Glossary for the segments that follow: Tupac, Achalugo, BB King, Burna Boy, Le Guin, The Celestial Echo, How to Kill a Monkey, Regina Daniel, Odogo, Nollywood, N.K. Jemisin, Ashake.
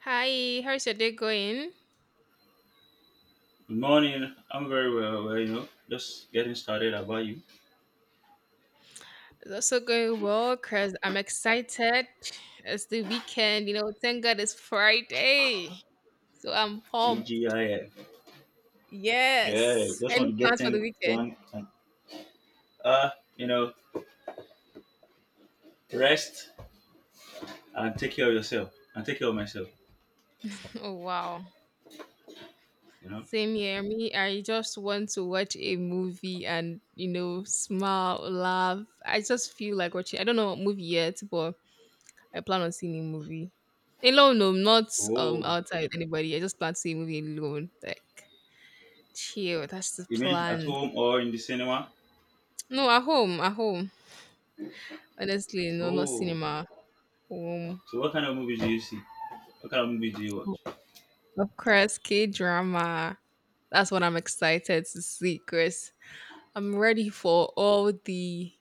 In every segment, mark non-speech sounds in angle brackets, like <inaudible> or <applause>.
Hi, how's your day going? Good morning. I'm very well, just getting started about you. It's also going well because I'm excited. It's the weekend, you know, thank God it's Friday. So I'm pumped. TGIF. Yeah, Yes. just want Any to get plans for the things weekend? done and uh, you know, rest and take care of yourself and take care of myself, Oh, wow. you know. Same here. Me, I just want to watch a movie and, you know, smile, laugh. I just feel like watching, I don't know what movie yet, but I plan on seeing a movie. Alone, no, not Oh, outside with anybody. I just plan to see a movie alone. Like, chill. That's the you mean at plan. home or in the cinema? No, at home. At home. Honestly, no, not Oh, cinema. Home. so what kind of movies do you see? What kind of movies do you watch? Of course, K drama. That's what I'm excited to see, Chris. I'm ready for all the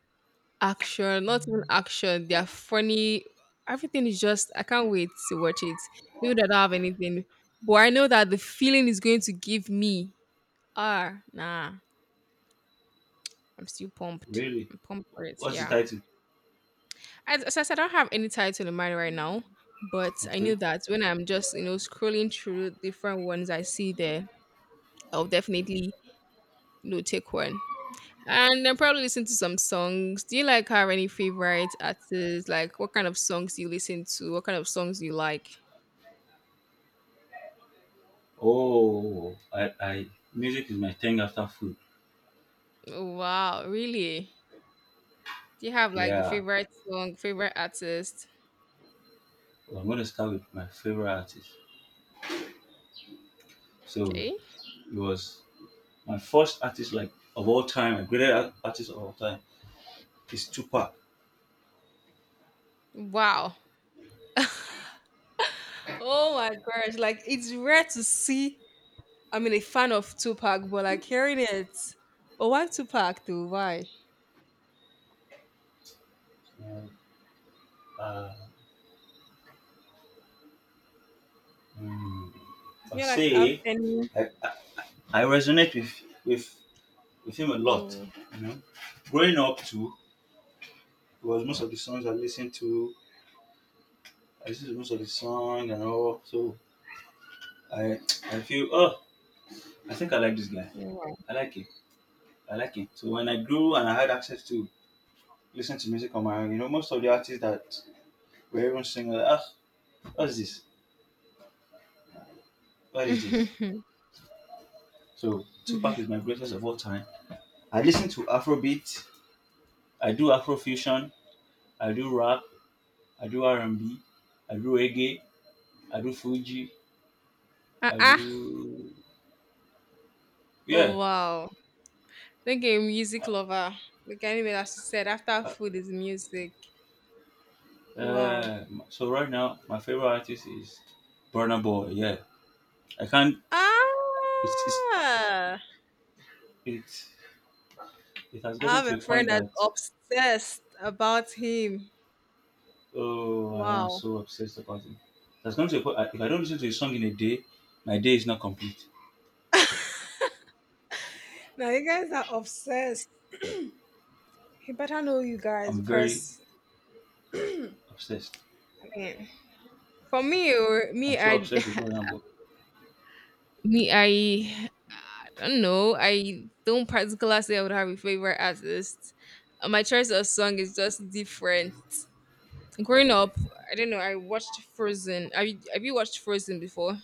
action. Not even action. They're funny. Everything is just, I can't wait to watch it. Even though I don't have anything, but I know that the feeling is going to give me. Ah, nah. I'm still pumped. Really? I'm pumped for it. What's the Yeah. title? As I said, I don't have any title in mind right now, but I knew Okay. that when I'm just, you know, scrolling through different ones I see there, I'll definitely, you know, take one. And then probably listen to some songs. Do you like have any favorite artists? Like what kind of songs do you listen to? What kind of songs do you like? Oh, I music is my thing after food. Oh, wow, really? Do you have like a Yeah. favorite song, favorite artist? Well, I'm gonna start with my favorite artist. So Okay. it was My first artist, like of all time, my greatest artist of all time is Tupac. Wow. <laughs> Oh my gosh, like it's rare to see, I mean, a fan of Tupac, but like hearing it. But why Tupac though? Why? Do Uh, mm, I you like have say any? I, I resonate with, with him a lot. Oh, You know, growing up too, it was most of the songs I listened to. I listened to most of the song and all. So I I feel, I think I like this guy. oh, wow. I like him. I like him. So when I grew and I had access to listen to music on my own, most of the artists that were even singing, like, what's this? What is this? <laughs> So Tupac is my greatest of all time. I listen to Afrobeat. I do Afrofusion. I do rap. I do R&B. I do reggae. I do Fuji. I Uh-uh. do, yeah. Oh, wow. Like a music lover. Like anyway, as you said, after food is music. Wow. Uh, so right now my favorite artist is Burna Boy. Yeah, I can't. Ah, It's, it's I it it has gotten have to a a friend point that's that obsessed about him. oh I am Wow. so obsessed about him. It has gotten to a point. If I don't listen to his song in a day, my day is not complete. Now you guys are obsessed. He better know you guys I'm very because, obsessed. I mean, for me, I'm me, so I obsessed with <laughs> Burna Boy. me, I don't know. I don't particularly say I would have a favorite artist. My choice of song is just different. Growing up, I don't know. I watched Frozen. Have you watched Frozen before?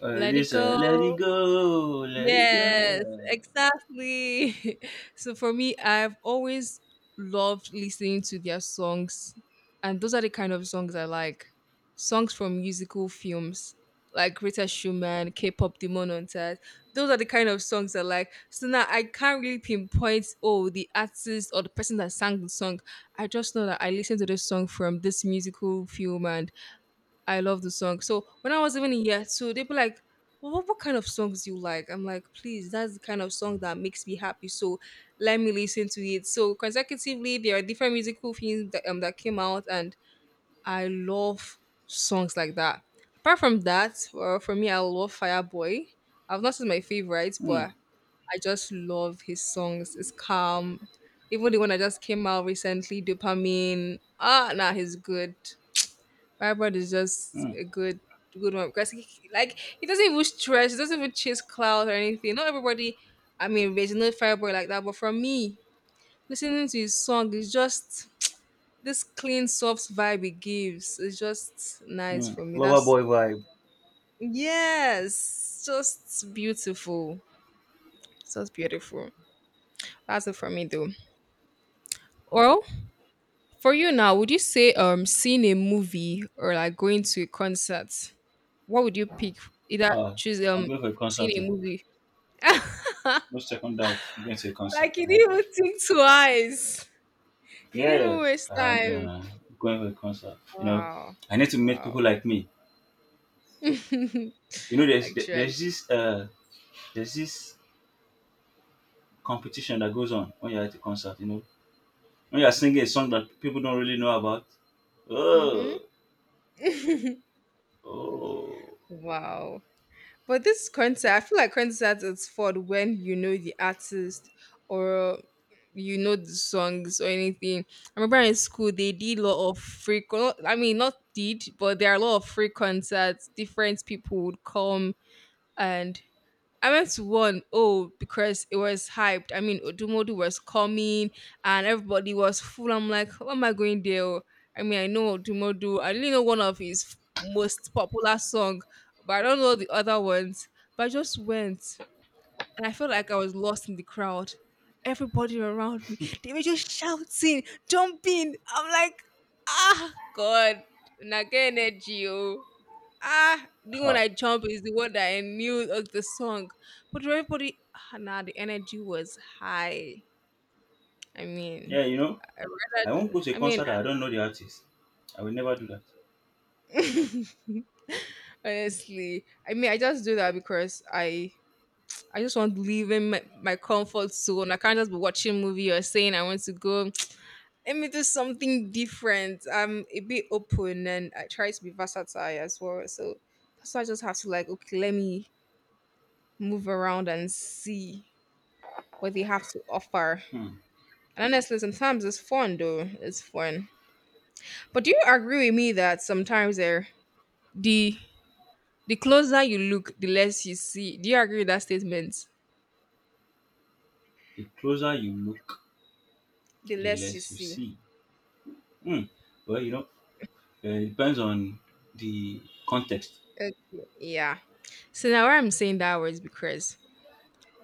Let it This, let it go. go, let it go. Yes, Yeah. exactly. <laughs> So for me, I've always loved listening to their songs, and those are the kind of songs I like. Songs from musical films like Greta Schumann, K-pop Demon Hunters. Those are the kind of songs I like. So now I can't really pinpoint oh the artist or the person that sang the song. I just know that I listened to this song from this musical film and I love the song. So when I was even in year two, they'd be like, well, what kind of songs do you like? I'm like, please, that's the kind of song that makes me happy. So let me listen to it. So consecutively, there are different musical things that came out, and I love songs like that. Apart from that, well, for me, I love Fireboy. I've not seen my favorites, Hmm. but I just love his songs. It's calm. Even the one that just came out recently, Dopamine. Ah, nah, he's good. Fireboard is just Hmm. a good good one because he, like he doesn't even stress, it doesn't even chase clouds or anything. Not everybody, I mean, there's no Fireboard like that, but for me, listening to his song is just this clean, soft vibe he gives. It's just nice Hmm. for me. Lover That's boy vibe. yes, just beautiful, just beautiful. That's it for me though. Well, for you now, would you say seeing a movie or like going to a concert, what would you pick? Either Uh, choose I'm going for a concert seeing too. a movie. No second doubt. I'm going to a concert. Like you Yeah, didn't even think twice. You didn't yeah. even waste I'm time. Going for a concert. Wow. I need to meet people Wow. like me. <laughs> Actually. You know, there's there's this uh there's this competition that goes on when you're at a concert. When you're singing a song that people don't really know about. Mm-hmm. Oh, oh. Wow. But this concert, I feel like concerts is for when you know the artist or you know the songs or anything. I remember in school they did a lot of I mean not did, but there are a lot of free concerts. Different people would come and I went to one, oh, because it was hyped. I mean, Odumodu was coming and everybody was full. I'm like, what am I going there? Oh? I mean, I know Odumodu. I only know one of his most popular song, but I don't know the other ones. But I just went and I felt like I was lost in the crowd. Everybody around me, they were just shouting, jumping. I'm like, ah, God, Naga energy, oh. Ah, the one Ha. I jump is the one that I knew of the song. But everybody, ah, nah, the energy was high. I mean, Yeah, I I won't rather, go to a I mean, concert that I don't know the artist. I will never do that. <laughs> honestly, I mean, I just do that because I just want to live in my comfort zone. I can't just be watching movie or saying I want to go. <tsk> Let me do something different. I'm a bit open and I try to be versatile as well. So that's why I just have to like, okay, let me move around and see what they have to offer. Hmm. And honestly, sometimes it's fun though. It's fun. But do you agree with me that sometimes the the closer you look, the less you see. Do you agree with that statement? The closer you look, The the less you less you see. see. Hmm. Well, it depends on the context. Okay. Yeah. So now why I'm saying that was because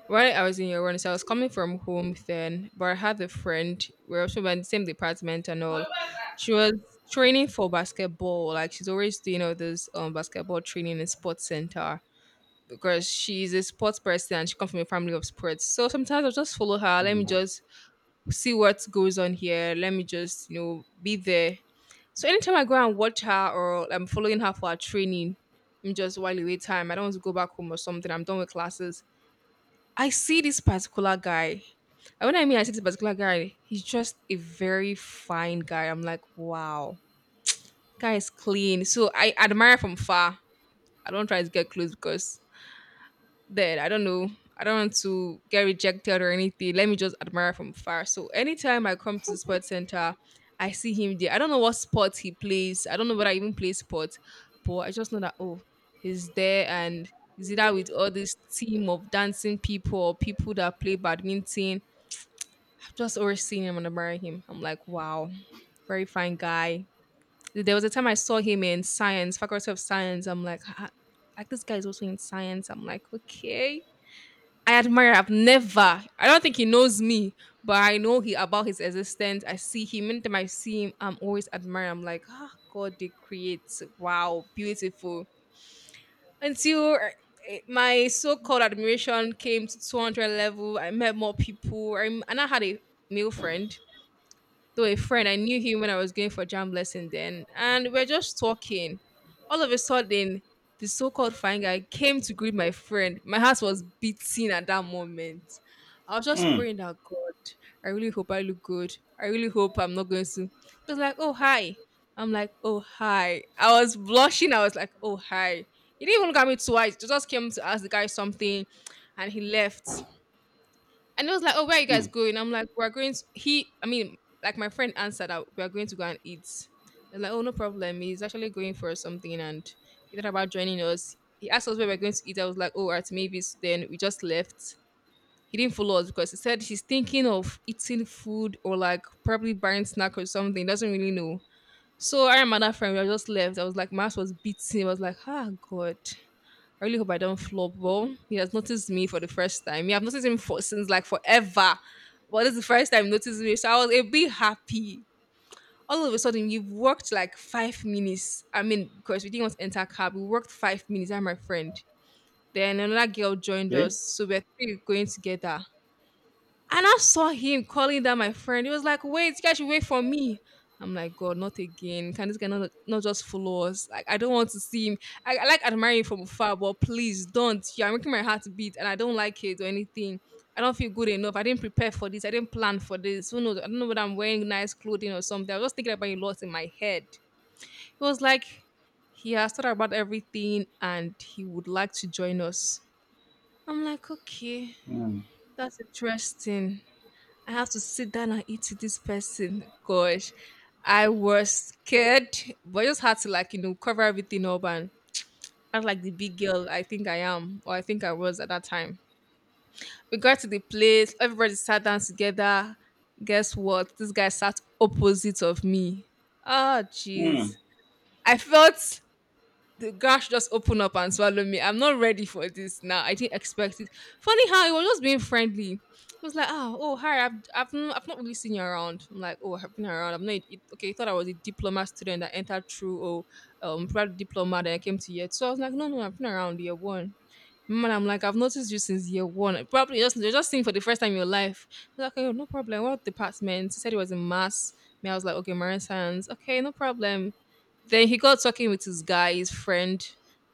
while I was in your run, so I was coming from home then, but I had a friend. We were also in the same department and all. She was training for basketball. Like she's always doing all this basketball training in sports center, because she's a sports person and she comes from a family of sports. So sometimes I'll just follow her. Let me Hmm. just see what goes on here. Let me just, you know, be there. So anytime I go and watch her or I'm following her for her training, I'm just while away time. I don't want to go back home or something. I'm done with classes. I see this particular guy. And when I mean I see this particular guy, he's just a very fine guy. I'm like, wow, guy is clean. So I admire from far. I don't try to get close because that I don't know. I don't want to get rejected or anything. Let me just admire from far. So anytime I come to the sports center, I see him there. I don't know what sport he plays. I don't know whether I even play sports, but I just know that oh, he's there and he's either with all this team of dancing people or people that play badminton. I've just always seen him and admiring him. I'm like, wow, very fine guy. There was a time I saw him in science, faculty of science. I'm like, "Ah, like this guy is also in science. I'm like, okay, I admire. I've never. I don't think he knows me, but I know he about his existence. I see him. Anytime I see him, I'm always admire. I'm like, ah, God, they create. Wow, beautiful. Until my so-called admiration came to 200 level, I met more people. And I had a male friend, though a friend I knew him when I was going for jam lesson then and we're just talking. All of a sudden, the so-called fine guy came to greet my friend. My heart was beating at that moment. I was just Hmm. praying that God, I really hope I look good. I really hope I'm not going to, he was like, "Oh, hi." I'm like, "Oh, hi." I was blushing. I was like, "Oh, hi." He didn't even look at me twice. He just came to ask the guy something and he left. And it was like, "Oh, where are you Hmm. guys going?" I'm like, "We're going." To, he, I mean, like my friend answered that we're going to go and eat. I was like, "Oh, no problem." He's actually going for something, and he thought about joining us. He asked us where we're going to eat. I was like, "Oh, at Mavis." Then we just left. He didn't follow us because he said he's thinking of eating food or like probably buying snack or something. Doesn't really know. So I and my other friend, we were just left. I was like, my ass was beating. I was like, ah, God. I really hope I don't flop. Well, he has noticed me for the first time. Yeah, I've noticed him for since like forever. But this is the first time he noticed me. So I was a bit happy. All of a sudden, you've worked like 5 minutes. I mean, because we didn't want to enter cab. We worked 5 minutes. I'm my friend. Then another girl joined Okay. us. So we're three going together. And I saw him calling down my friend. He was like, wait, you guys should wait for me. I'm like, God, not again. Can this guy not just follow us? Like, I don't want to see him. I like admiring him from afar, but please don't. You're making my heart beat and I don't like it or anything. I don't feel good enough. I didn't prepare for this. I didn't plan for this. Who knows? I don't know whether I'm wearing nice clothing or something. I was just thinking about a lot in my head. It was like, he has thought about everything and he would like to join us. I'm like, okay, Hmm. that's interesting. I have to sit down and eat with this person. Gosh, I was scared, but I just had to like cover everything up and act like the big girl I think I am or I think I was at that time. We got to the place, everybody sat down together. Guess what? This guy sat opposite of me. Oh Hmm. jeez. I felt the gosh just open up and swallow me. I'm not ready for this now. I didn't expect it. Funny how it was just being friendly. It was like, oh, hi, I've not really seen you around. I'm like, oh, I've been around. I'm not, it, okay, you thought I was a diploma student that entered through, proud diploma that I came to yet. So I was like, no, no, I've been around year one. Man, I'm like, I've noticed you since year one. Probably just, you're just seeing for the first time in your life. He's like, oh, no problem. What department? He said it was in mass. Me, I was like, okay, marine science. Okay, no problem, then he got talking with his guy, his friend.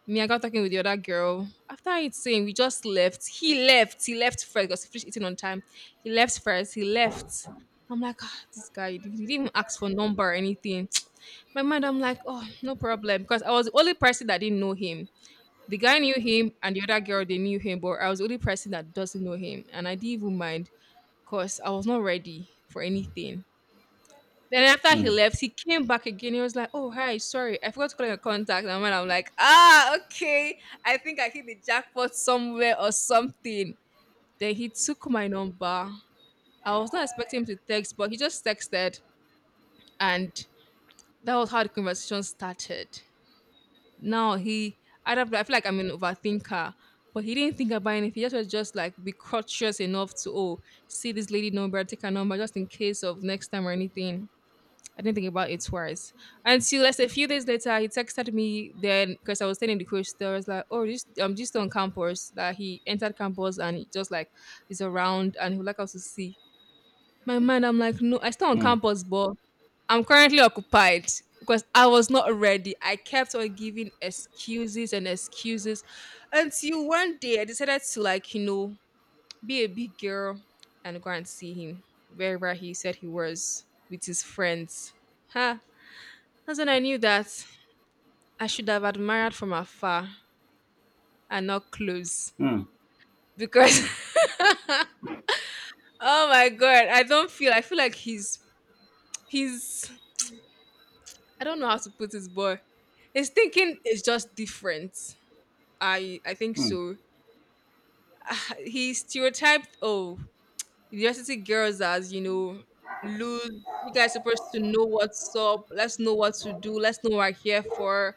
Me, I got talking with the other girl. After eating, we just left. He left. He left first because he finished eating on time. He left first. He left. I'm like, ah, this guy, he didn't even ask for number or anything. <tsk> My mind, I'm like, oh, no problem. Because I was the only person that didn't know him. The guy knew him and the other girl, they knew him, but I was the only person that doesn't know him. And I didn't even mind because I was not ready for anything. Then after he Hmm. left, he came back again. He was like, "Oh hi, sorry, I forgot to call your contact." And when I'm like, "Ah, okay, I think I hit the jackpot somewhere or something." Then he took my number. I was not expecting him to text, but he just texted, and that was how the conversation started. Now he, I don't, I feel like I'm an overthinker, but he didn't think about anything. He just was just like be courteous enough to oh, see this lady number, take her number, just in case of next time or anything. I didn't think about it twice. Until let's say a few days later, he texted me then because I was staying in the coach. I was like, oh, this I'm just on campus. That he entered campus and he just like is around and he would like us to see. My mind, I'm like, no, I stay on Hmm. campus, but I'm currently occupied because I was not ready. I kept on giving excuses and excuses until one day I decided to like, be a big girl and go and see him wherever he said he was with his friends. Huh? That's when I knew that I should have admired from afar and not close. Hmm. Because Hmm. <laughs> oh my god, I don't feel I feel like he's I don't know how to put his boy. His thinking is just different. I think Hmm. so. He stereotyped oh university girls as, lose, you guys supposed to know what's up, let's know what to do, let's know what we're here for,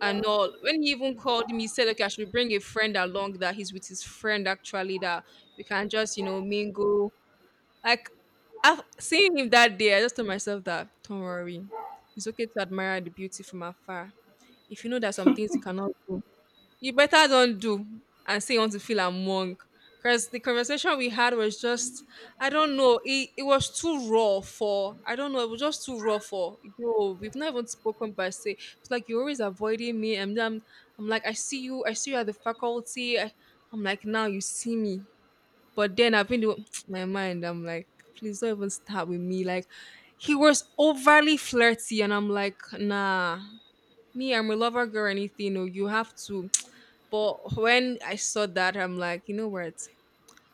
and all. When he even called me, he said, okay, I should bring a friend along that he's with his friend actually, that we can just, mingle. Like, I've seen him that day. I just told myself that, don't worry, it's okay to admire the beauty from afar. If you know that some things you cannot do, you better don't do and say you want to feel among, because the conversation we had was just, I don't know, it was too raw for, I don't know, it was just too raw for yo, we've not even spoken by say, it's like you're always avoiding me and then I'm like, I see you at the faculty, I, I'm like now you see me, but then I've been doing <tsk> my mind I'm like please don't even start with me, like he was overly flirty and I'm like nah, me I'm a lover girl or anything or you have to, but when I saw that, I'm like, you know what?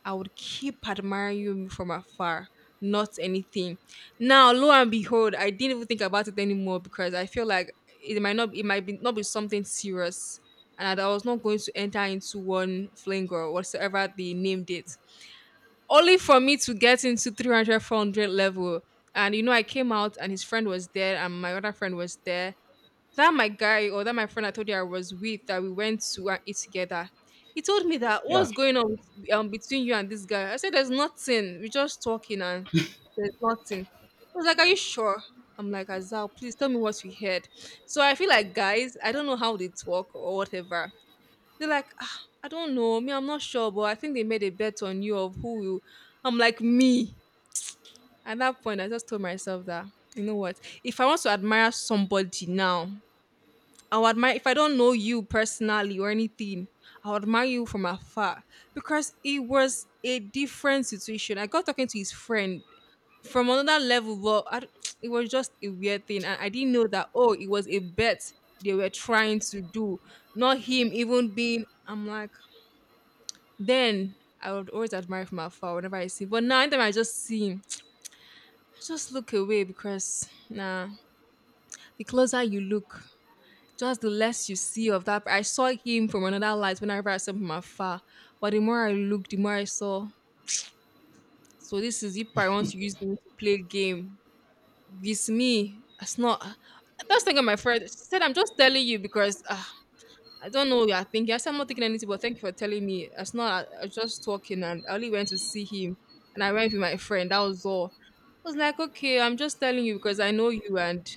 I would keep admiring you from afar, not anything. Now, lo and behold, I didn't even think about it anymore because I feel like it might not, it might be not be something serious, and that I was not going to enter into one fling or whatsoever they named it. Only for me to get into 300, 400 level, and you know, I came out and his friend was there, and my other friend was there, that my guy or that my friend I told you I was with, that we went to and eat together. He told me that Yeah. what's going on with- between you and this guy. I said there's nothing. We're just talking and there's nothing. He was like, "Are you sure?" I'm like, "Azal, please tell me what you heard." So I feel like guys, I don't know how they talk or whatever. They're like, ah, I don't know. Me, I'm not sure, but I think they made a bet on you of who will. I'm like, me. At that point, I just told myself that, you know what? If I want to admire somebody now, I would admire if I don't know you personally or anything, I would admire you from afar because it was a different situation. I got talking to his friend from another level, but I, d <tsk> it was just a weird thing, and I didn't know that oh, it was a bet they were trying to do, not him even being. I'm like, then I would always admire from afar whenever I see, but now anytime I just see him, <tsk> I just look away because nah, the closer you look, just the less you see of that. I saw him from another light whenever I saw him from afar, but the more I looked, the more I saw. So this is if I want to use them to play game. It's me. It's not. That's thinking my friend, she said, "I'm just telling you because I don't know what you're thinking." I said, "I'm not thinking anything, but thank you for telling me." It's not. I was just talking, and I only went to see him, and I went with my friend. That was all. I was like, "Okay, I'm just telling you because I know you, and"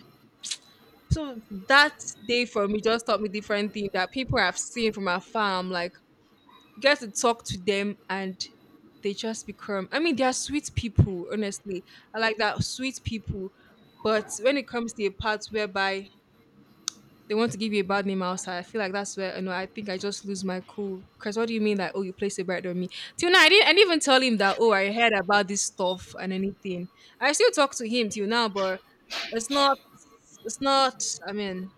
So that day for me just taught me different things, that people I've seen from afar, I'm like, you get to talk to them and they just become, I mean, they are sweet people, honestly. I like that sweet people. But when it comes to a part whereby they want to give you a bad name outside, I feel like that's where, you know, I think I just lose my cool. Because what do you mean that, oh, you placed a bet on me? Till now, I didn't even tell him that, oh, I heard about this stuff and anything. I still talk to him till now, but it's not, it's not, I mean,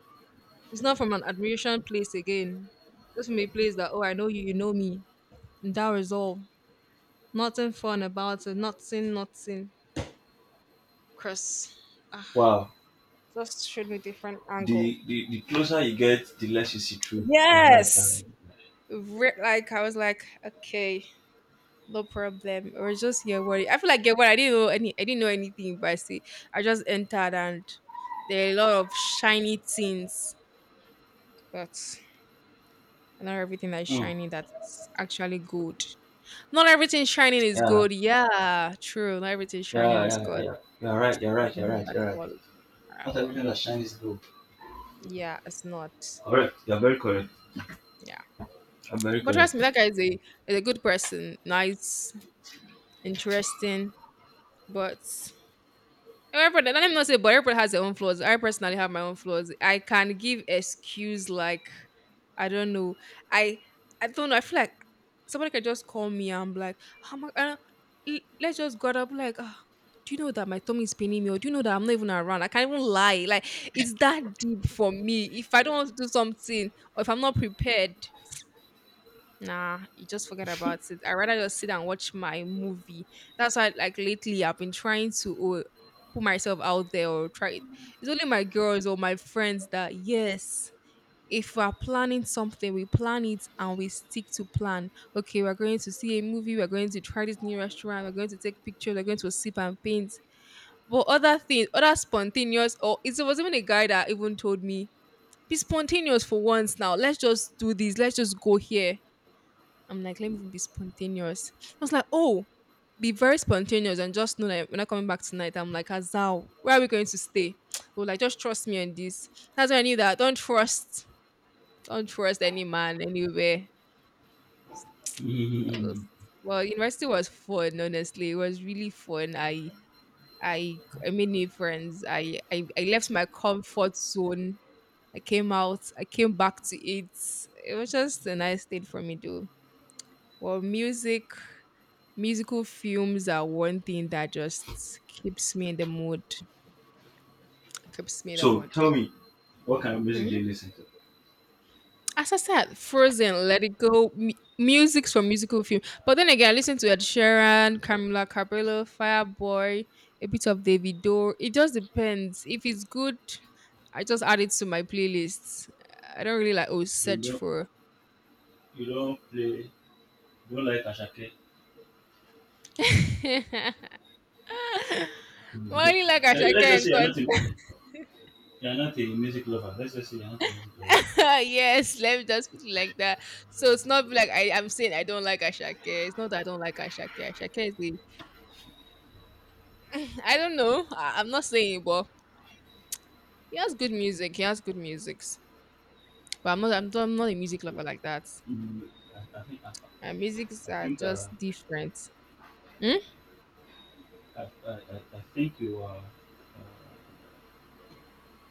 it's not from an admiration place again. Just from a place that, oh, I know you, you know me. And that was all. Nothing fun about it. Nothing, nothing. Chris, ah, Wow. just showed me different angle. The closer you get, the less you see through. You're right. You're right. Yes. Re- like I was like, okay, no problem. It was just your worry. I feel like your worry. I didn't know any. I didn't know anything, but I see, I just entered and there are a lot of shiny things, but not everything that is Hmm. shiny that is actually good. Not everything shining is Yeah. good. Yeah, true. Not everything shining Yeah. is Yeah. Yeah. good. Yeah. You're right. You're It's right. You're not right. at You're right. all. At Not all. everything that shines is gold. Yeah, it's not. Correct. You're very correct. Yeah. I'm very But trust me, correct. that <laughs> guy is a good person. Nice, interesting, but everybody, let me not say, but everybody has their own flaws. I personally have my own flaws. I can give excuse like, I don't know, I, I don't know. I feel like somebody can just call me and be like, oh my, let's just go up. Like, "Ah, do you know that my tummy is paining me, or do you know that I'm not even around? I can't even lie. Like, it's that deep for me. If I don't want to do something, or if I'm not prepared, nah, you just forget about it. I rather just sit and watch my movie. That's why, like lately, I've been trying to put myself out there or try. It. It's only my girls or my friends that, yes, if we are planning something, we plan it and we stick to plan. Okay, we're going to see a movie. We're going to try this new restaurant. We're going to take pictures. We're going to sip and paint. But other things, other spontaneous, or it was even a guy that even told me, "Be spontaneous for once now. Let's just do this. Let's just go here." I'm like, let me be spontaneous. I was like, oh, be very spontaneous and just know that we're not coming back tonight. I'm like, Azal, where are we going to stay? <tsk> Well, like, just trust me on this. That's why I knew that. Don't trust any man anywhere. I was Hmm. just, well, university was fun, honestly. It was really fun. I made new friends. I left my comfort zone. I came out. I came back to it. It was just a nice thing for me, though. Well, music. Musical films are one thing that just keeps me in the mood. Keeps me in the So mood, tell though. me, what kind of music do you Mhm. listen to? As I said, Frozen, Let It Go, music's from musical film. But then again, I listen to Ed Sheeran, Camila Cabello, Fireboy, a bit of Davido. It just depends. If it's good, I just add it to my playlist. I don't really like oh You search don't, for. you don't play, you don't like Ashake. <laughs> Well, You I don't- only like Now, Ashake let's just and say you're not a music lover. Let's just say you're not a music lover. <laughs> yes, let me just put it like that. So it's not like I'm saying I don't like Ashake. It's not that I don't like Ashake. Ashake is the I don't know. I'm not saying, but he has good music. He has good music. But I'm not. I'm not a music lover like that. Mm, I think, My musics I are think, just different. Hmm? I, I think you are, uh,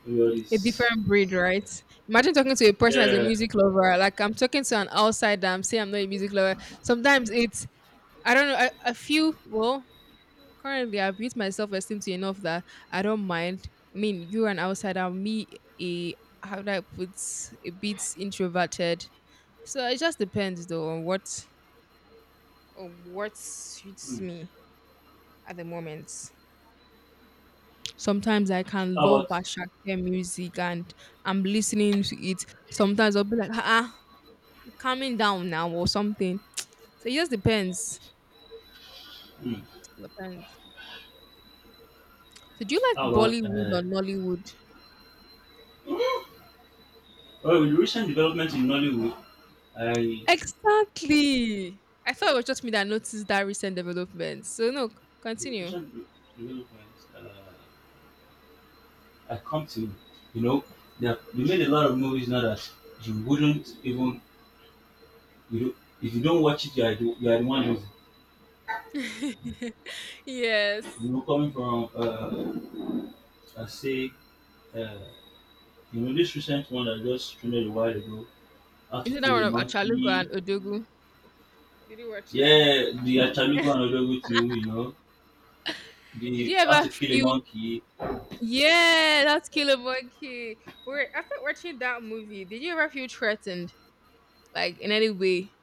you are A this. different breed, right? Imagine talking to a person as a Yeah. music lover. Like I'm talking to an outsider. I'm saying I'm not a music lover. Sometimes it's I don't know. I feel well. Currently I've built my self esteem to enough that I don't mind. I mean, you're an outsider, me a how do I put a bit introverted. So it just depends though on what suits Mm. me at the moment. Sometimes I can How love about, Bashake music and I'm listening to it. Sometimes I'll be like, ah, ah, calming down now or something. So it just depends. mm, Depends. So do you like how about, Bollywood uh, or Nollywood? well, with recent developments in Nollywood, I, Exactly. I thought it was just me that noticed that recent development. So no, with continue. recent developments, I come to, you know, they made a lot of movies now that you wouldn't even you don't, if you don't watch it, you are the one who's <laughs> Yes. Coming from, I say uh, this recent one that just streamed a while ago, How to Is it that Kill one a of Achalugo and Monkey. Odogu? Did you watch that? Yeah, the Achalugo and Odogo too. You know, Did the you How ever to Kill a feel Monkey, yeah, that's Killer Monkey. But wait, after watching that movie, did you ever feel threatened? Like in any way?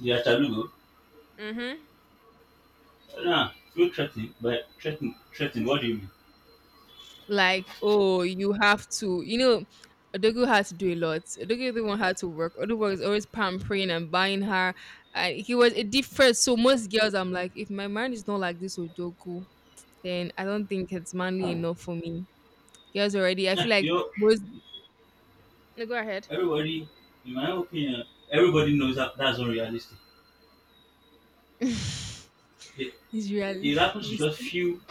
the Achalugo. Mm-hmm. Nah, feel threatened, but threatened, threatened. What do you mean? Like oh you have to you know Odogu had to do a lot. Odogu the one had to work. Odogu was always pampering and buying her. And he was a different. So most girls, I'm like, if my man is not like this Odogu, then I don't think it's manly enough for me. Girls already, I Yeah, feel you like know most. No, go ahead. everybody. In my own opinion, everybody knows that that's unrealistic. <laughs> It, It's it really. happens to It's, just few.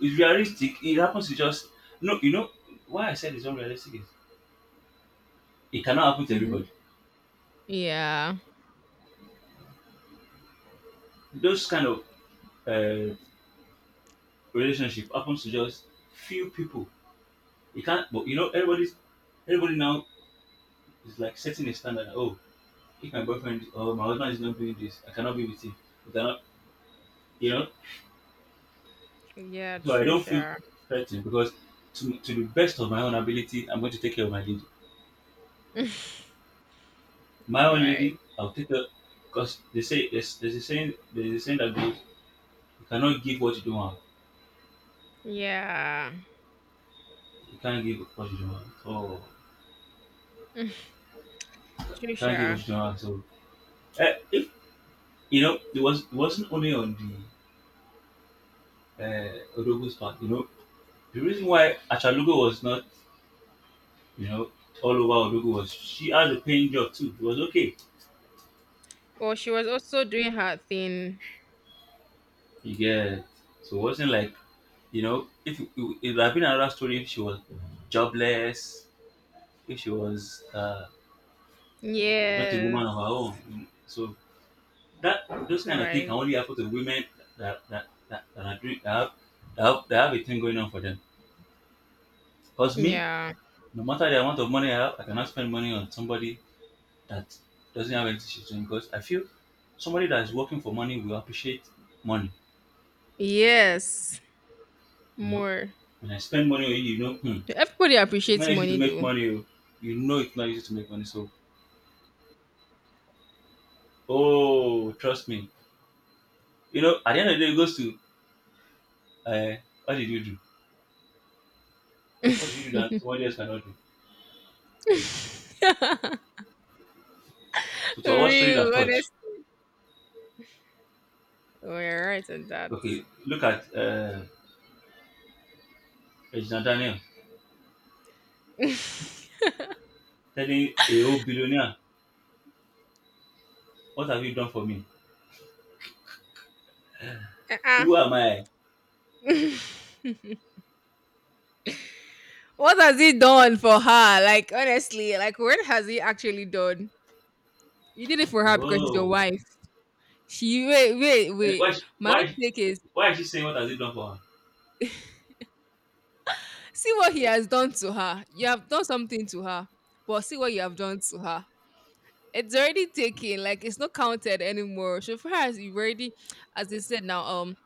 It's realistic. It happens to just no. You know why I said it's unrealistic is it cannot happen to mhm. everybody. Yeah. Those kind of uh, relationship happens to just few people. It can't. But everybody now is like setting a standard. Oh, if my boyfriend or my husband is not doing this, I cannot be with him. I cannot. You know. Yeah. So I True. don't feel Sure. threatened because to the best of my own ability, I'm going to take care of my needs. <laughs> All My own lady, right. I'll take her because they say there's a saying that goes, you cannot give what you don't have. Yeah. You can't give what you don't have. Oh, you True. can't give what Sure. you don't have. So if, it wasn't only on the Odogo's part. The reason why Achalugo was not you know all over Odogo was she had a paying job too. It was okay. Well, she was also doing her thing, You get, so it wasn't like if it would have been another story if she was jobless, if she was. Not a woman yes. of her own. So that those All kind of things can right. only happen to women that are doing, that have a thing going on for them. Cause me, Yeah. no matter the amount of money I have, I cannot spend money on somebody that doesn't have anything to do because I feel somebody that is working for money will appreciate money. Yes. You know, More. when I spend money on you, Everybody it's appreciates not easy to money make though. money. Oh. It's not easy to make money. So, oh, trust me. At the end of the day, it goes to, uh, what did you do? What did you do that somebody else cannot do? So <laughs> to avoid story that Real, touch, honest. We're right on that. okay, look at Regina Daniel telling a old billionaire, "What have you done for me? Uh-uh. Who am I?" What has he done for her? Like honestly, like what has he actually done? You did it for her because she's your Whoa. wife. She wait, wait, Eh, wait. My own Why? take is Why is she saying what has he done for her? see what he has done to her. You have done something to her, but see what you have done to her. It's already taken like it's not counted anymore so far as you've already as they said now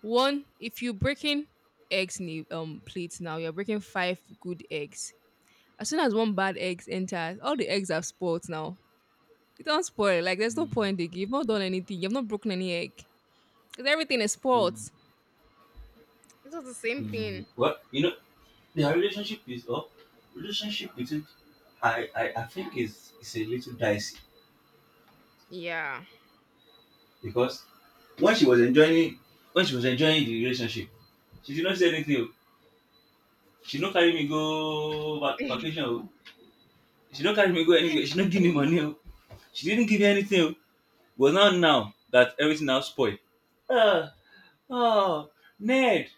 one if you're breaking eggs in the plates now you're breaking five good eggs as soon as one bad egg enters all the eggs are spoiled now you don't spoil it. Like there's no Mm. point again you've not done anything you've not broken any egg because everything is spoiled mm, it's not the same mm. thing Well, their relationship is up. Relationship between, I think is a little dicey yeah. because when she was enjoying when she was enjoying the relationship, she did not say anything. O. She no carry me go vacation. O. She don't carry me go anywhere. She don't give me money. Oh. She didn't give me anything. Oh. But now, now that everything now spoiled. Uh, oh, Ned,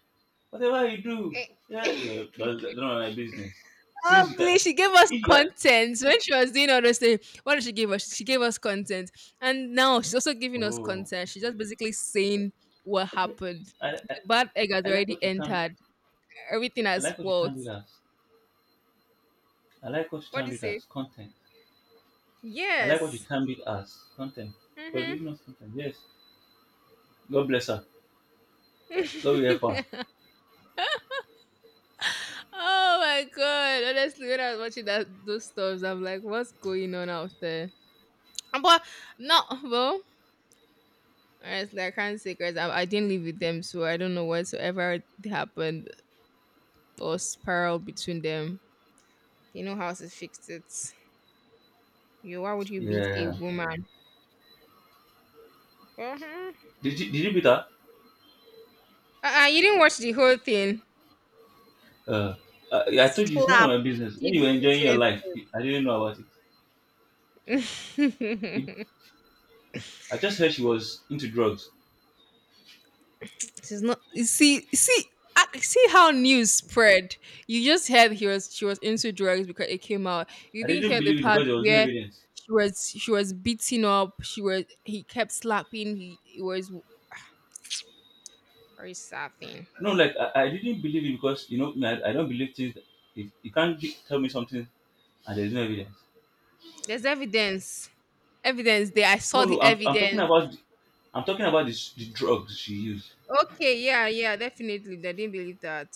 whatever you do, <laughs> yeah, that's not my business. Since you can, Lovely. She gave us if you are, content when she was doing all those things. What did she give us? She gave us content, and now she's also giving us oh, content. She's just basically saying what okay. happened. I, I, The bad egg has I like already what you termed, entered. Everything I has like what you spoiled. termed it as. I like what you What do termed you it say? as content. I like what you Yes. termed it as content. But it's Hmm. not content. Yes. God bless her. God will help her. <laughs> Oh my god! Honestly, when I was watching that those stuffs, I'm like, what's going on out there? But no, well, honestly, I can't say because I didn't live with them, so I don't know whatsoever happened. Or spiral between them. You know how to fix it. You, why would you beat a Yeah. woman? Uh-huh. Did you beat her? Uh-uh, you didn't watch the whole thing. Uh, I told you it's none of Slap. my business. When Did you were enjoying your different life, I didn't know about it. It- things. I just heard she was into drugs. <laughs> She's not. You see, see, ah, see how news spread. You just heard he was she was into drugs because it came out. You I didn't didn't hear the believe it part because there was no where evidence. She was beating up. She was he kept slapping. He it was very sad thing. No, like I didn't believe it because you know me, I don't believe things. If you can't tell me something and there's no evidence. There's evidence. Evidence there. I No, saw no, the I'm talking evidence. about the drugs she used. Okay, yeah, yeah, definitely. They didn't believe that.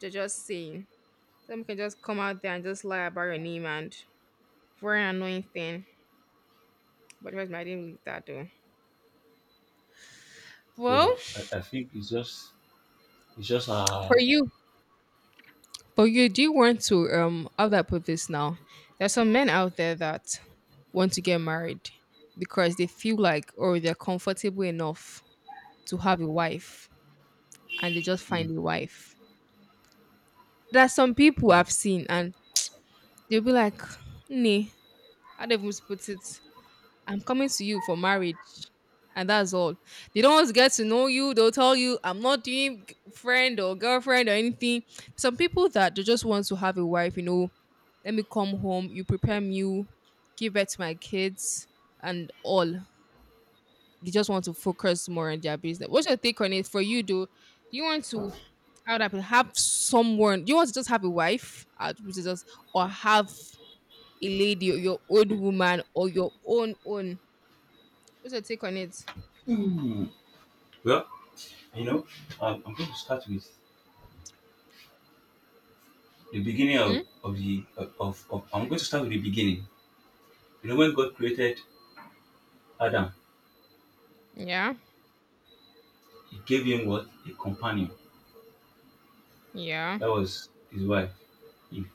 They're just saying. Some can just come out there and just lie about your name and for an annoying thing. But trust me, I didn't believe that though. So Well, I think it's just for you, for you, do you want to how do I put this now? There's some men out there that want to get married because they feel like or they're comfortable enough to have a wife and they just mm, find a wife. There's some people mm, I've seen and they'll be like, nah, how do I even put it? I'm coming to you for marriage. And that's all. They don't want to get to know you. They'll tell you, I'm not doing friend or girlfriend or anything. Some people that they just want to have a wife, you know, let me come home, you prepare me, give birth to my kids and all. They just want to focus more on their business. What's your take on it for you though? Do you want to how would I put it, have someone do you want to just have a wife? Which is just or have a lady or your old woman or your own own. What's your take on it? mm. Well, you know I'm going to start with the beginning Hmm? of the of I'm going to start with the beginning when God created Adam, Yeah. He gave him what? A companion. Yeah. That was his wife. Eve.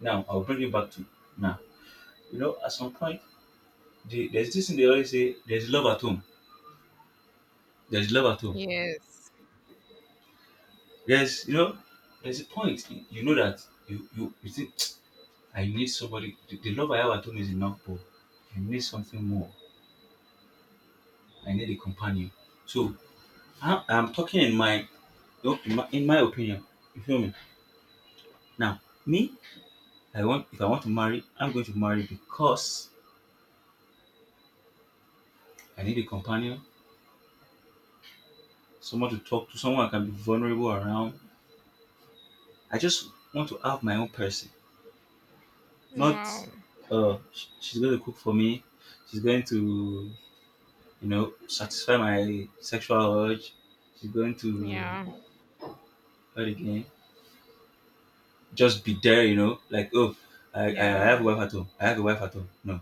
Now, I'll bring it back to now. At some point, there's this thing they always say there's love at home. There's love at home. Yes. There's, you know, there's a point. You know that you think, <tsk> I need somebody. The love I have at home is enough, but I need something more. I need a companion. So, I'm talking in my opinion. You feel me? Now, me, I want if I want to marry, I'm going to marry because I need a companion, someone to talk to, someone I can be vulnerable around. I just want to have my own person, not Wow. She's going to cook for me, she's going to satisfy my sexual urge, she's going to Yeah. what again? Just be there, like I have a Yeah. wife at home, I have a wife at home. No,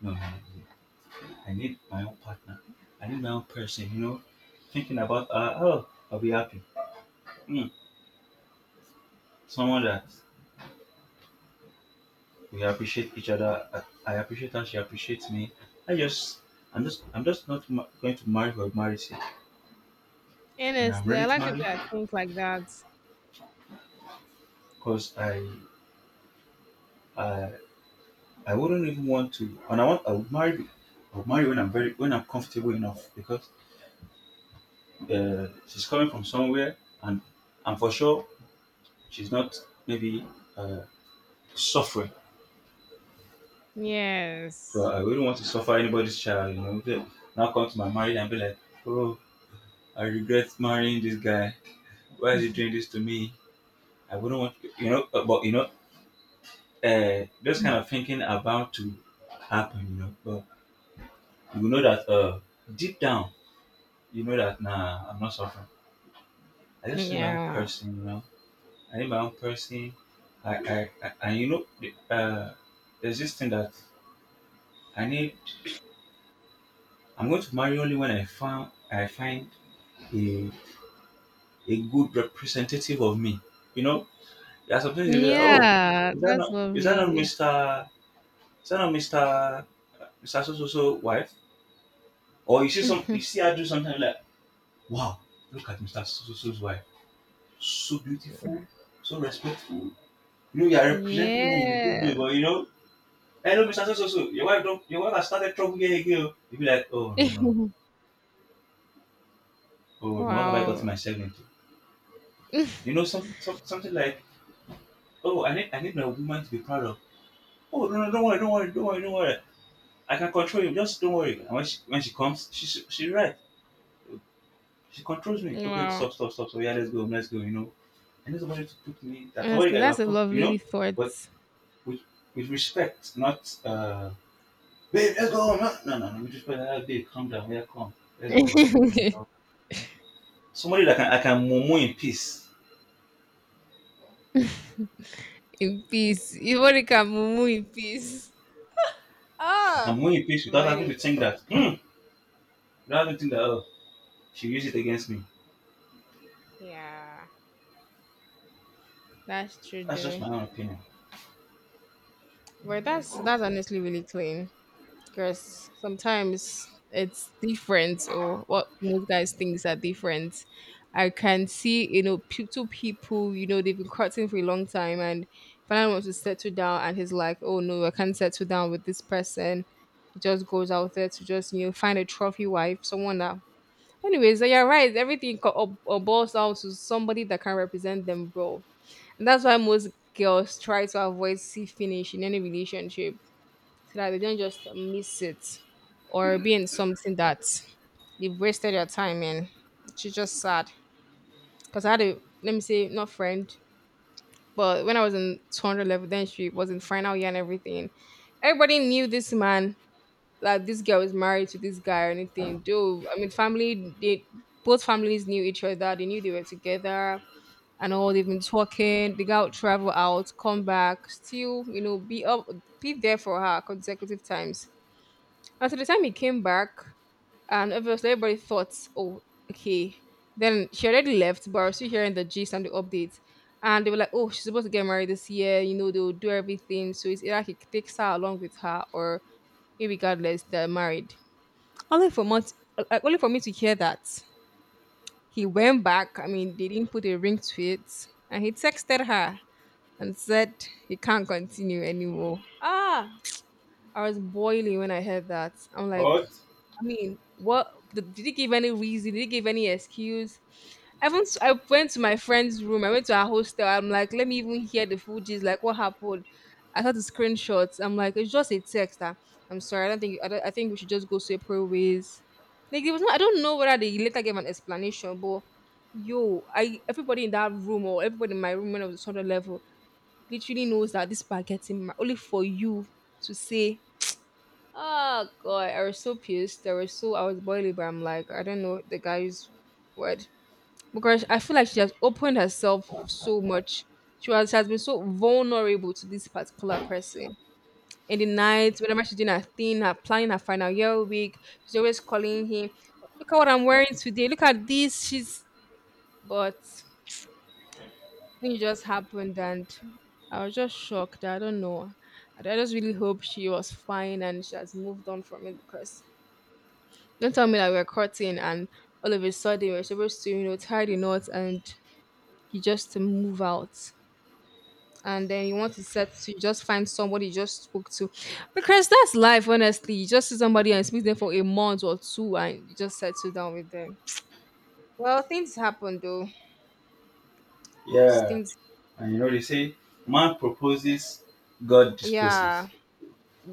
no, no, no. I need my own partner. I need my own person, thinking about oh, I'll be happy. Mm. Someone that we appreciate each other. I appreciate her. She appreciates me. I just, I'm just not going to marry for marriage sake, and I'm Honestly, I ready to like marry people that think like that. because I, I wouldn't even want to, and I would marry when when I'm comfortable enough because she's coming from somewhere, and for sure she's not maybe uh, suffering. So Yes. I wouldn't want to suffer anybody's child. Then Now come to my marriage and be like, oh, I regret marrying this guy. Why is he doing this to me? I wouldn't want, but those kind of thinking about to happen. But you know that deep down, you know that nah, I'm not suffering. I just need my own Yeah. person. I need my own person. I and you know, the- There's this thing that I need. I'm going to marry only when I find a a good representative of me. You know, there's something you be like, oh, Yeah. is that That's not is that not lovely. Mister is that not Mister Mr. So so so wife, or you <laughs> see her do something like, wow, look at Mr. So so so's wife, so beautiful, so respectful. You know, you are representing me in a good way, Yes. Hey, no, Mr. So so so, your wife don't, your wife has started trouble here again. Oh. You be like, oh no, <laughs> oh no, what have I gotten Wow. myself into? <laughs> You know, something like, oh, I need my woman to be proud of. Oh no no, don't worry, don't worry, don't worry, don't worry. I can control you. Just don't worry. And when she comes, she right. She controls me. Oh babe, Wow. stop, stop, stop. So yeah, let's go, let's go. You know. And this opportunity took me that somebody Honestly, got, that's of a course, you know, lovely but thought. with with respect, not babe, let's go. No, no, no, no. With respect, ah, babe, calm down, yeah, come, <laughs> let's In go. You know. Somebody that can I can mumu in peace. peace. You want Ivorika Mumu in peace. I can Oh, mumu in peace without having very to think that hmm without having to think that, oh, she used it against me. yeah, that's true That's just though. my own opinion. But that's honestly really clean because sometimes it's different or what most guys thinks are different. I can see you know two people you know they've been courting for a long time and finally wants to settle down and he's like, oh no, I can't settle down with this person. He just goes out there to just you know find a trophy wife, someone that. Anyways, so you're right. Everything boils down to somebody that can represent them well. And that's why most girls try to avoid see finish in any relationship so that they don't just miss it or be in something that they've wasted their time in, which is just sad. Because I had a, let me say, not friend, but when I was in 200 level, then she was in final year and everything. Everybody knew this man, like this girl was married to this guy or anything. Though, I mean, family, they both families knew each other, they knew they were together and all they've been talking they go out travel out come back still you know be up be there for her consecutive times and so the time he came back and obviously everybody thought oh okay then she already left but I was still hearing the gist and the updates and they were like oh she's supposed to get married this year you know they'll do everything so it's either he takes her along with her or irregardless they're married only for months like, only for me to hear that he went back I mean they didn't put a ring to it and he texted her and said he can't continue anymore. Ah, I was boiling when I heard that. I'm like, But I mean, what did he give any reason? Did he give any excuse? I went to my friend's room. I went to her hostel. I'm like, let me even hear the full gist. Like, what happened? I saw the screenshots. I'm like, it's just a text. That I'm sorry. I don't think. I, don't, I think we should just go separate ways. Like, it was not. I don't know whether they later gave an explanation, but yo, I everybody in that room, or everybody in my room when I was on the level, literally knows that this marketing ma- only for you to say, oh god, I was so pissed. I was boiling, but I'm like, I don't know the guy's word. Because I feel like she has opened herself so much. She has been so vulnerable to this particular person. In the night, whenever she's doing her thing, her planning her final year week, she's always calling him, look at what I'm wearing today, look at this. She's but thing just happened, and I was just shocked. I don't know. I just really hope she was fine and she has moved on from it, because don't tell me that we're courting and all of a sudden we're supposed to, you know, tie the knot, and you just move out. And then you want to set to you just find somebody you just spoke to. Because that's life, honestly. You just see somebody and speak to them for a month or two and you just settle down with them. Well, things happen though. Just yeah. things. And you know they say, man proposes, God disposes. Yeah.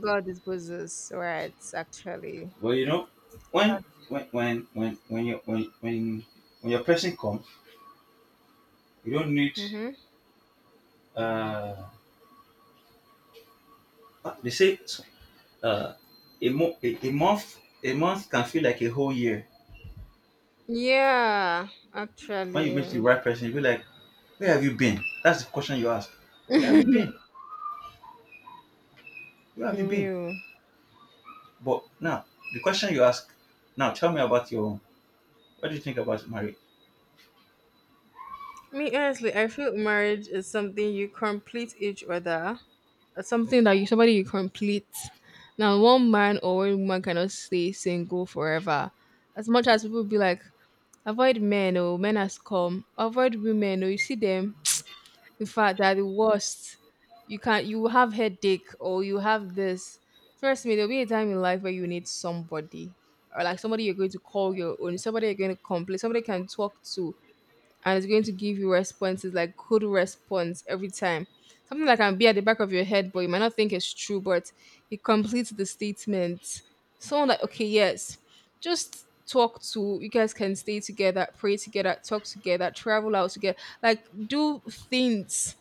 God disposes, right? Actually, But you know, when when when when when you when when when your person comes, you don't need, mm-hmm. uh, they say, uh, a month can feel like a whole year. Yeah, When you meet the actually, right person you be like, where have you been? That's the question you ask. Where have you been? Where have you been? real. But now the question you ask, now tell me about your own. What do you think about marriage? Me honestly, I feel marriage is something you complete each other. It's something that you somebody you complete. Now, one man or one woman cannot stay single forever. As much as people be like, avoid men, or men has come. Avoid women, or you see them. In fact, they are the worst. You can you will have headache or you have this. Trust me, there'll be a time in life where you need somebody. Or like somebody you're going to call your own, somebody you're going to complain, somebody you can talk to, and it's going to give you responses like good response every time. Something that can be at the back of your head, but you might not think it's true, but it completes the statement. Someone like, okay, yes, just talk to you guys can stay together, pray together, talk together, travel out together, like do things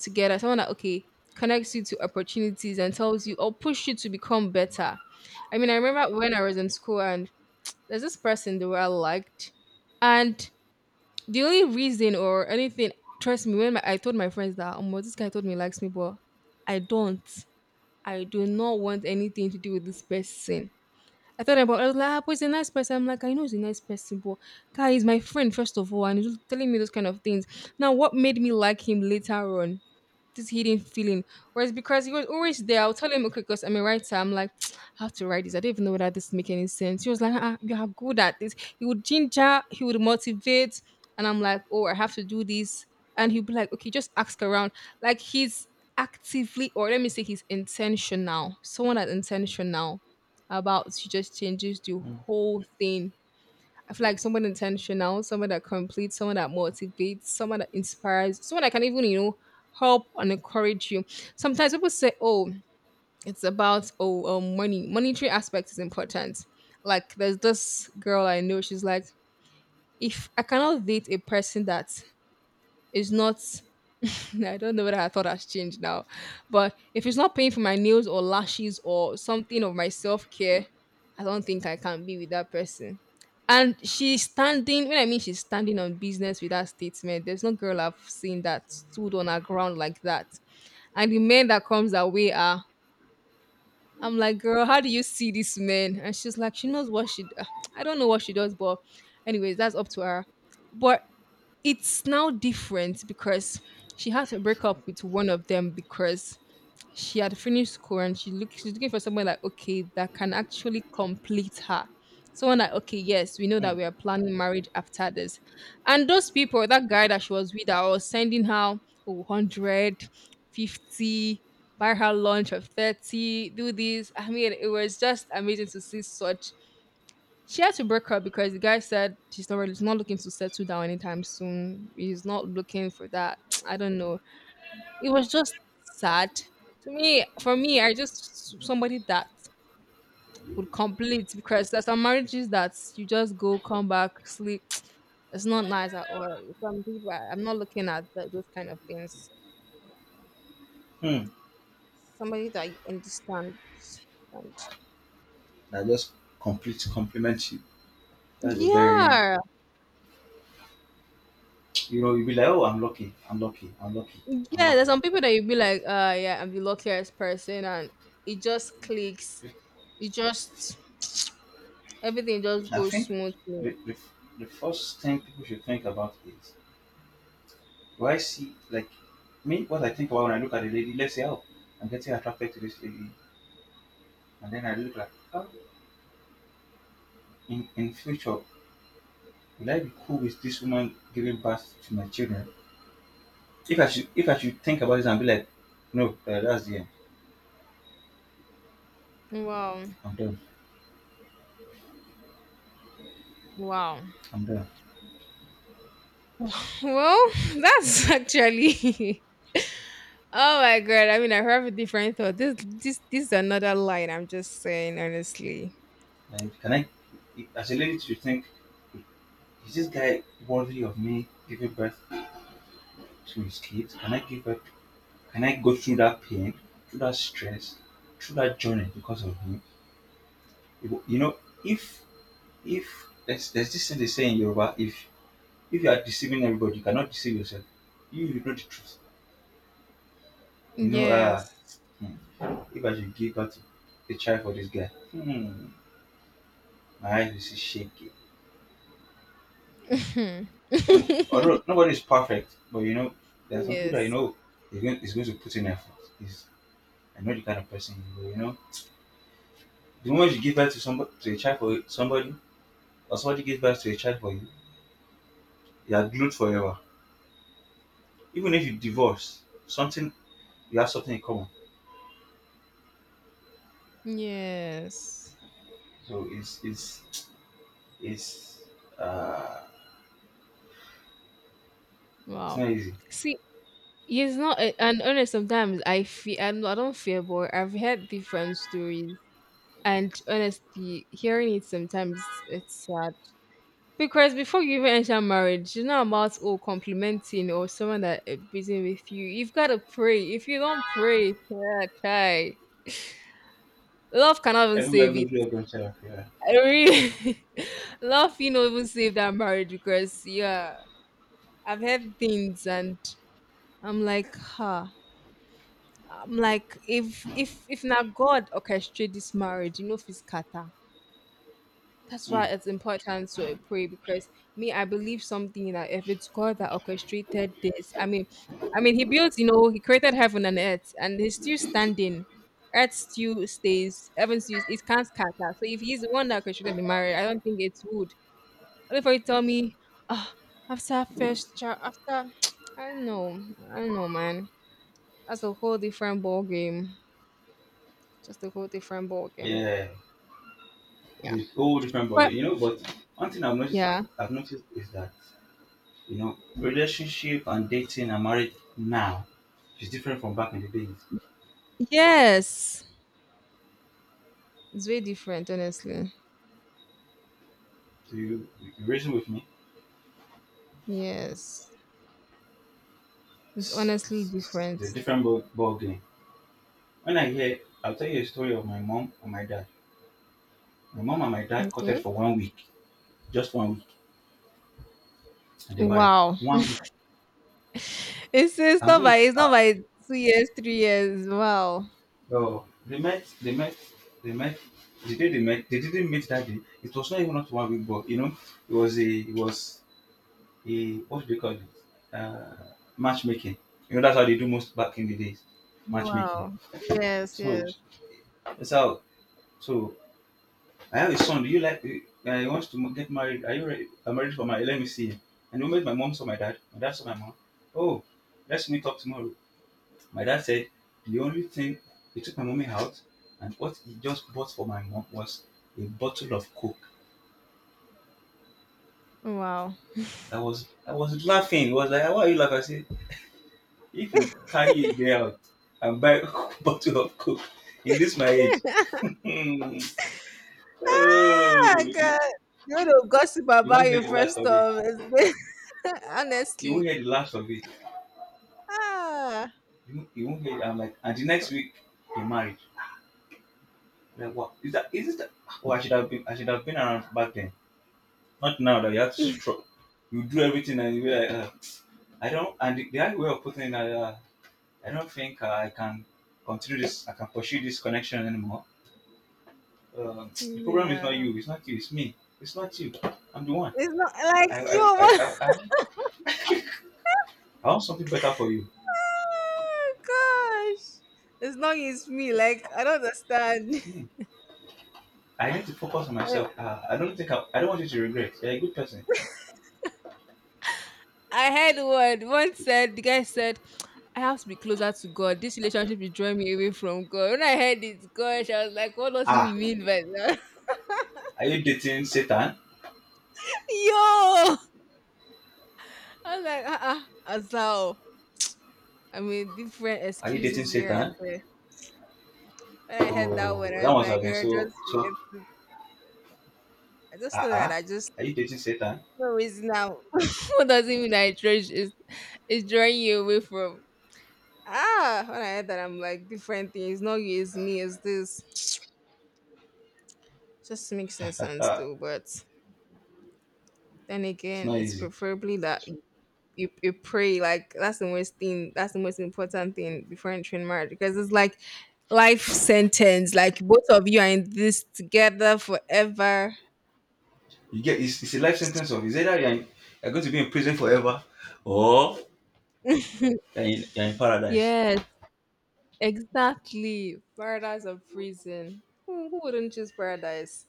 together, someone that okay connects you to opportunities and tells you or push you to become better. I mean, I remember when I was in school, and there's this person that I liked, and the only reason or anything, trust me, when my, I told my friends that oh, this guy told me he likes me, but I don't, I do not want anything to do with this person. I thought about I was like, ah, but he's a nice person. I'm like, I know he's a nice person, but guy, he's my friend, first of all, and he's just telling me those kind of things. Now, what made me like him later on? This hidden feeling. Whereas because he was always there, I'll tell him, okay, because I'm a writer, I'm like, <tsk> I have to write this. I don't even know whether this make any sense. He was like, ah, you are good at this. He would ginger, he would motivate, and I'm like, oh, I have to do this. And he'd be like, okay, just ask around. Like he's actively, or let me say, he's intentional. Someone that's intentional about to just changes the Mm. whole thing. I feel like someone intentional, someone that completes, someone that motivates, someone that inspires, someone that can even, you know, help and encourage you. Sometimes people say, oh, it's about, oh, money. Monetary aspect is important. Like, there's this girl I know, she's like, if I cannot date a person that is not <laughs> I don't know whether I thought has changed now. But if it's not paying for my nails or lashes or something of my self care, I don't think I can be with that person. And she's standing, when I mean she's standing on business with that statement, there's no girl I've seen that stood on her ground like that. And the men that comes her way are, I'm like, girl, how do you see this man? And she's like, she knows what she, d- I don't know what she does, but anyways, that's up to her. But it's now different because she had to break up with one of them because she had finished school and she look, she's looking for someone like okay that can actually complete her, someone like okay yes we know that Mm. we are planning marriage after this, and those people that guy that she was with that was sending her oh, 150, buy her lunch of 30, do this, I mean it was just amazing to see such. She had to break up because the guy said she's not really, he's not looking to settle down anytime soon. He's not looking for that. <tsk> I don't know. It was just sad to me. For me, I just somebody that would complete because there's some marriages that you just go, come back, sleep. <tsk> It's not nice at all. Some people, I'm not looking at th those kind of things. Mm. Somebody that you understand, and That just complete, compliment you. That's a very— yeah. you know you be like, oh, I'm lucky, I'm lucky, I'm lucky. I'm Yeah, there's lucky. some people that you'd be like, yeah, I'm the luckiest person, and it just clicks. It just everything just I goes think smoothly. the, the, the first thing people should think about is, do I see like me? What I think about when I look at a lady, let's say, oh, I'm getting attracted to this lady, and then I look like, oh, in future, will I be cool with this woman giving birth to my children? If if I should think about this and be like, no, that's the end. Wow. I'm done. Wow. I'm done. Well, <laughs> that's actually <laughs> oh my god. I mean I have a different thought. This is another line I'm just saying honestly. Like, can I, as a lady, to think, is this guy worthy of me giving birth to his kids? Can I give birth? Can I go through that pain, through that stress, through that journey because of him? You know, if if there's this thing they say in Yoruba, if you are deceiving everybody, you cannot deceive yourself. You know the truth. You know, Yes. hmm, if I should give out a child for this guy, hmm, my eyes will see shaky. <laughs> Mm. Although nobody is perfect, but you know, there are some people that you Yes. know is going to put in effort. Is I know the kind of person you are. You know, the moment you give birth to somebody to a child for somebody, or somebody gives birth to a child for you, you are glued forever. Even if you divorce, something you have something in common. Yes. So It's uh, it's Wow. not easy. See, yeah, it's not, a- and honest. Sometimes I feel I'm, I don't feel, but I've heard different stories, and honestly, hearing it sometimes it's sad because before you even enter marriage, it's not about oh complimenting or someone that is busy with you. You've got to pray. If you don't pray, yeah, try. Love cannot even Everywhere save goes it. through a culture of. Yeah. I really, <laughs> love you know even save that marriage because yeah, I've heard things and I'm like, ha. I'm like, if not God orchestrate this marriage, you know, if it's kata. That's Hmm. why it's important to pray because me, I believe something that if it's God that orchestrated this, I mean, He built, you know, He created heaven and earth, and He's still standing. Earth still stays, heaven still it can't scatter. So if He's the one that orchestrated the marriage, I don't think it would. Only for you to tell me, ah, after first child, after <tsk> I don't know, I don't know, man. That's a whole different ball game. Just a whole different ball game. Yeah. Yeah. It's a whole different ballgame. But You know, but one thing yeah. I've noticed is that, you know, relationship and dating and marriage now is different from back in the days. Yes. It's very different, honestly. Do you reason with me? Yes. It's It's, honestly it's different. a different ball game. When I hear I'll tell you a story of my mom and my dad. My mom and my dad courted Okay. for one week. Just one week. And they married. Wow. One week. It's it's I'm not going to, by it's not uh, by 2 years, 3 years. Wow. Oh, they met. They met. The day they met, they didn't meet that day. It was not even not one week, but you know, it was a, what do they call it? Uh, Matchmaking. You know, that's how they do most back in the days, matchmaking. Wow. Yes, yes. So that's how. So I have a son. Do you like? He wants to get married. Are you ready? I'm ready for my. Let me see him. And the moment my mom saw my dad saw my mom. Oh, let's meet up tomorrow. My dad said, the only thing, he took my mommy out, and what he just bought for my mom was a bottle of Coke. Wow. I was laughing. He was like, "Why are you laughing?" I said, "If you carry a girl out and buy <laughs> a bottle of Coke in this my age, <laughs> Ah oh, god. You would have gossip you about won't hear you the last first of it. off. It's good. <laughs> You won't Honestly. hear the last of it. Ah. You won't hear." It. I'm like, and the next week they married. I'm like, what is that? Is it that? Oh, I should have been around back then. Not now that you have to struggle. You do everything and you be like, ah, I don't, and the other way of putting it, I don't think, I can pursue this connection anymore. The problem is not Yeah. you, it's not you, it's me, it's not you. I'm the one. It's not like I, I, I, you I, I, <laughs> want- I want something better for you. Oh, gosh. As long as me, like I don't understand. It's <laughs> me. I need to focus on Uh, myself. I don't think I don't want you to regret. You're a good person. I had one. One said the guy said, "I have to be closer to God. This relationship is drawing me away from God." When I heard it, gosh, I was like, "What does he Ah, mean by that?" <laughs> are you dating Satan? Yo, I was like, "Ah, uh-uh, Azal." I mean, different Are you dating excuses here Satan? and there. When I heard that one, Oh, I that was must like, have been "Girl, so, just so, forget it." I ah, just thought uh-uh. that I just Are you dating Satan? no reason now. <laughs> What does it mean? I trash it's is drawing you away from? Ah, when I heard that, I'm like, different things. Not you, it's me, it's this. <tsk> Just makes no sense, though. But then It's again, not it's easy. preferably that you pray. Like, that's the most thing. That's the most important thing before entering marriage. Because it's like life sentence. Like, both of you are in this together forever. You get, it's a life sentence of, it's either you're in, you're going to be in prison forever, or you're in paradise. Yes, exactly. Paradise or prison. Who wouldn't choose paradise?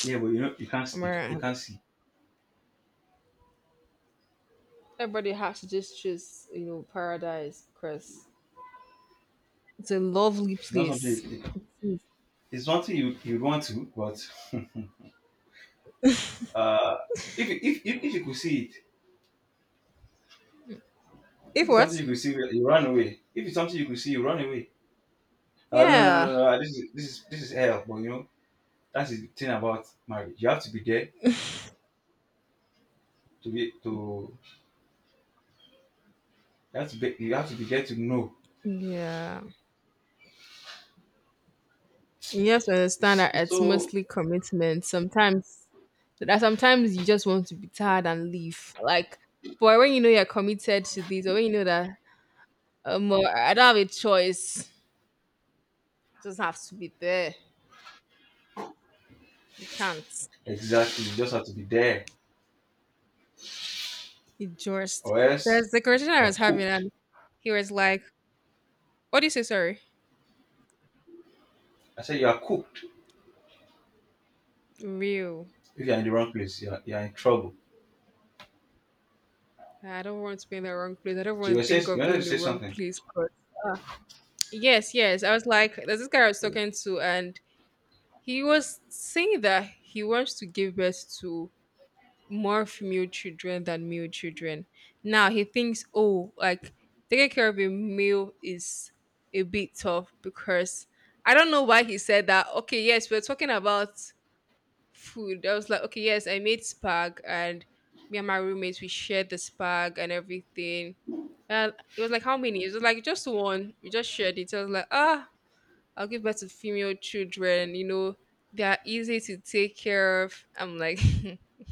Yeah, but you know Amara, you can't see. everybody has to just choose, you know, paradise because it's a lovely It's not something place. you- you- It is. it's not something you want to, but <laughs> uh if you could see it, if If it's something what? you could see, well, you run away. If it's something you could see, you run away. No, no, no, no, Yeah. no. This is hell. But you know that's the thing about marriage. You have to be there, to be to you have to be there to know. Yeah. You have to understand that It's it's so mostly commitment. Sometimes that sometimes you just want to be tired and leave. Like but when you know you're committed to this or when you know that I don't have a choice. Just have to be there. You can't. Exactly. You just have to be there. You just Or else there's the conversation I you're was having cooked. and he was like, what do you say, sorry? I said you are cooked. Real. If you're in the wrong place, you're in trouble. I don't want to be in the wrong place. I don't So want you to were saying think you of wanted being to in the say wrong something. place but." Yes, yes. I was like, there's this guy I was talking to, and he was saying that he wants to give birth to more female children than male children. Now he thinks, oh, like taking care of a male is a bit tough because I don't know why he said that. Okay, yes, we're talking about food. I was like, okay, yes, I made spag, and me and my roommates we shared the spag and everything. And it was like, how many? It was like just one. We just shared it. I was like, ah I'll give birth to female children, you know, they are easy to take care of. I'm like, <laughs>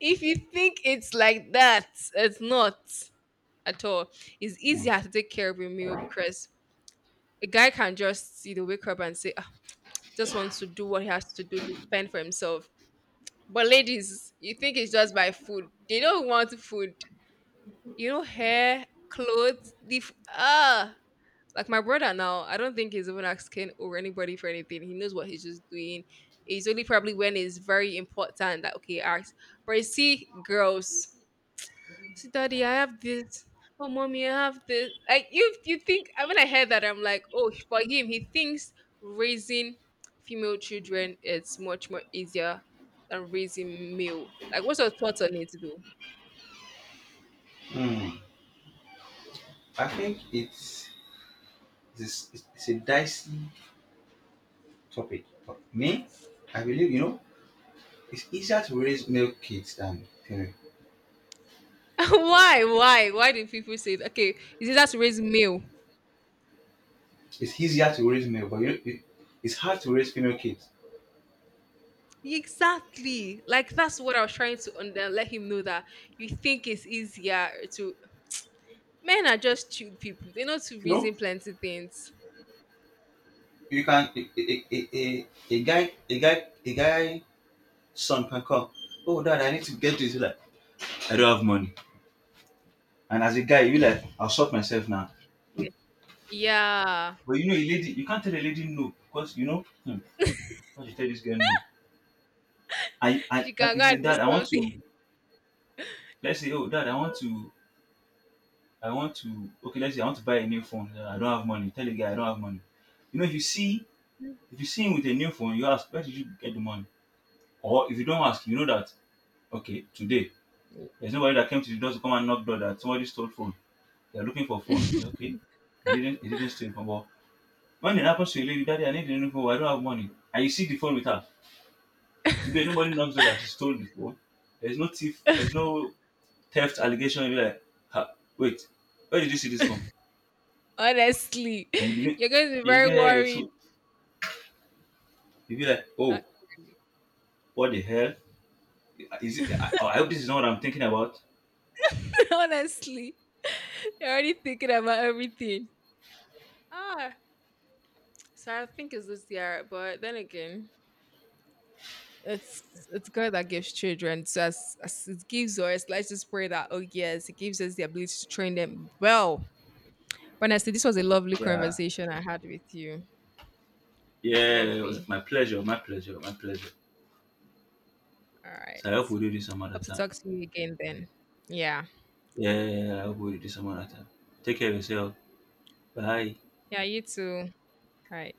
if you think it's like that, it's not at all. It's Mm. easier to take care of a male because a guy can just, you know, wake up and say, ah, just wants to do what he has to do to fend for himself. But ladies, you think it's just by food. They don't want food. You know, hair, clothes, the f- ah like my brother now, I don't think he's even asking or anybody for anything. He knows what he's just doing. It's only probably when it's very important that okay, ask. But you see, girls, see, daddy, I have this. Oh, mommy, I have this. Like you think I when I heard that, I'm like, oh, for him, he thinks raising female children is much more easier than raising male. Like, what's your thoughts on it, though? Mm. I think it's a dicey topic. For me, I believe, you know, it's easier to raise male kids than female. <laughs> Why do people say that? Okay? Is it that's raise male? It's easier to raise male, but you know, it's hard to raise female kids. Exactly. Like that's what I was trying to under let him know that you think it's easier to men are just chill people. They know to You know, reason plenty things. you can a guy son can come. Oh, Dad, I need to get this. He's like, I don't have money. And as a guy, you be like, I'll sort myself now. Yeah. Yeah. But you know, a lady, you can't tell a lady no because you know, hmm, how you tell this girl no. I She like can you go say, and do Dad, I want to. something. Let's say, oh, Dad, I want to. Okay, let's say I want to buy a new phone. " I don't have money. Tell the guy I don't have money. You know, if you see him with a new phone, you ask, where did you get the money? Or if you don't ask, you know that okay, today there's nobody that came to the door to come and knock door that somebody stole phone. They're looking for phone. Well, okay, He didn't steal phone. But when it happens to a lady, Daddy, I need a new phone. I don't have money. And you see the phone with her. Today, nobody knocks her that she stole the phone. There's no thief, there's <laughs> no theft allegation. You'll be like, ha, wait, where did you see this phone? Honestly. And You're going to be you very get it worried. too. You'll be like, oh, Actually. what the hell? Is it, I hope this is not what I'm thinking about. <laughs> Honestly. You're already thinking about everything. Ah. So I think it's this year, but then again. It's it's God that gives children. So as it gives us, let's just pray that oh yes, it gives us the ability to train them well. But honestly, this was a lovely Yeah. conversation I had with you. It's Yeah, it was lovely. my pleasure, my pleasure, my pleasure. All right. So I hope we do this some other Hope to time. talk to you again then. Yeah. Yeah, I hope we do this some other time. Take care of yourself. Bye. Yeah, you too. All right.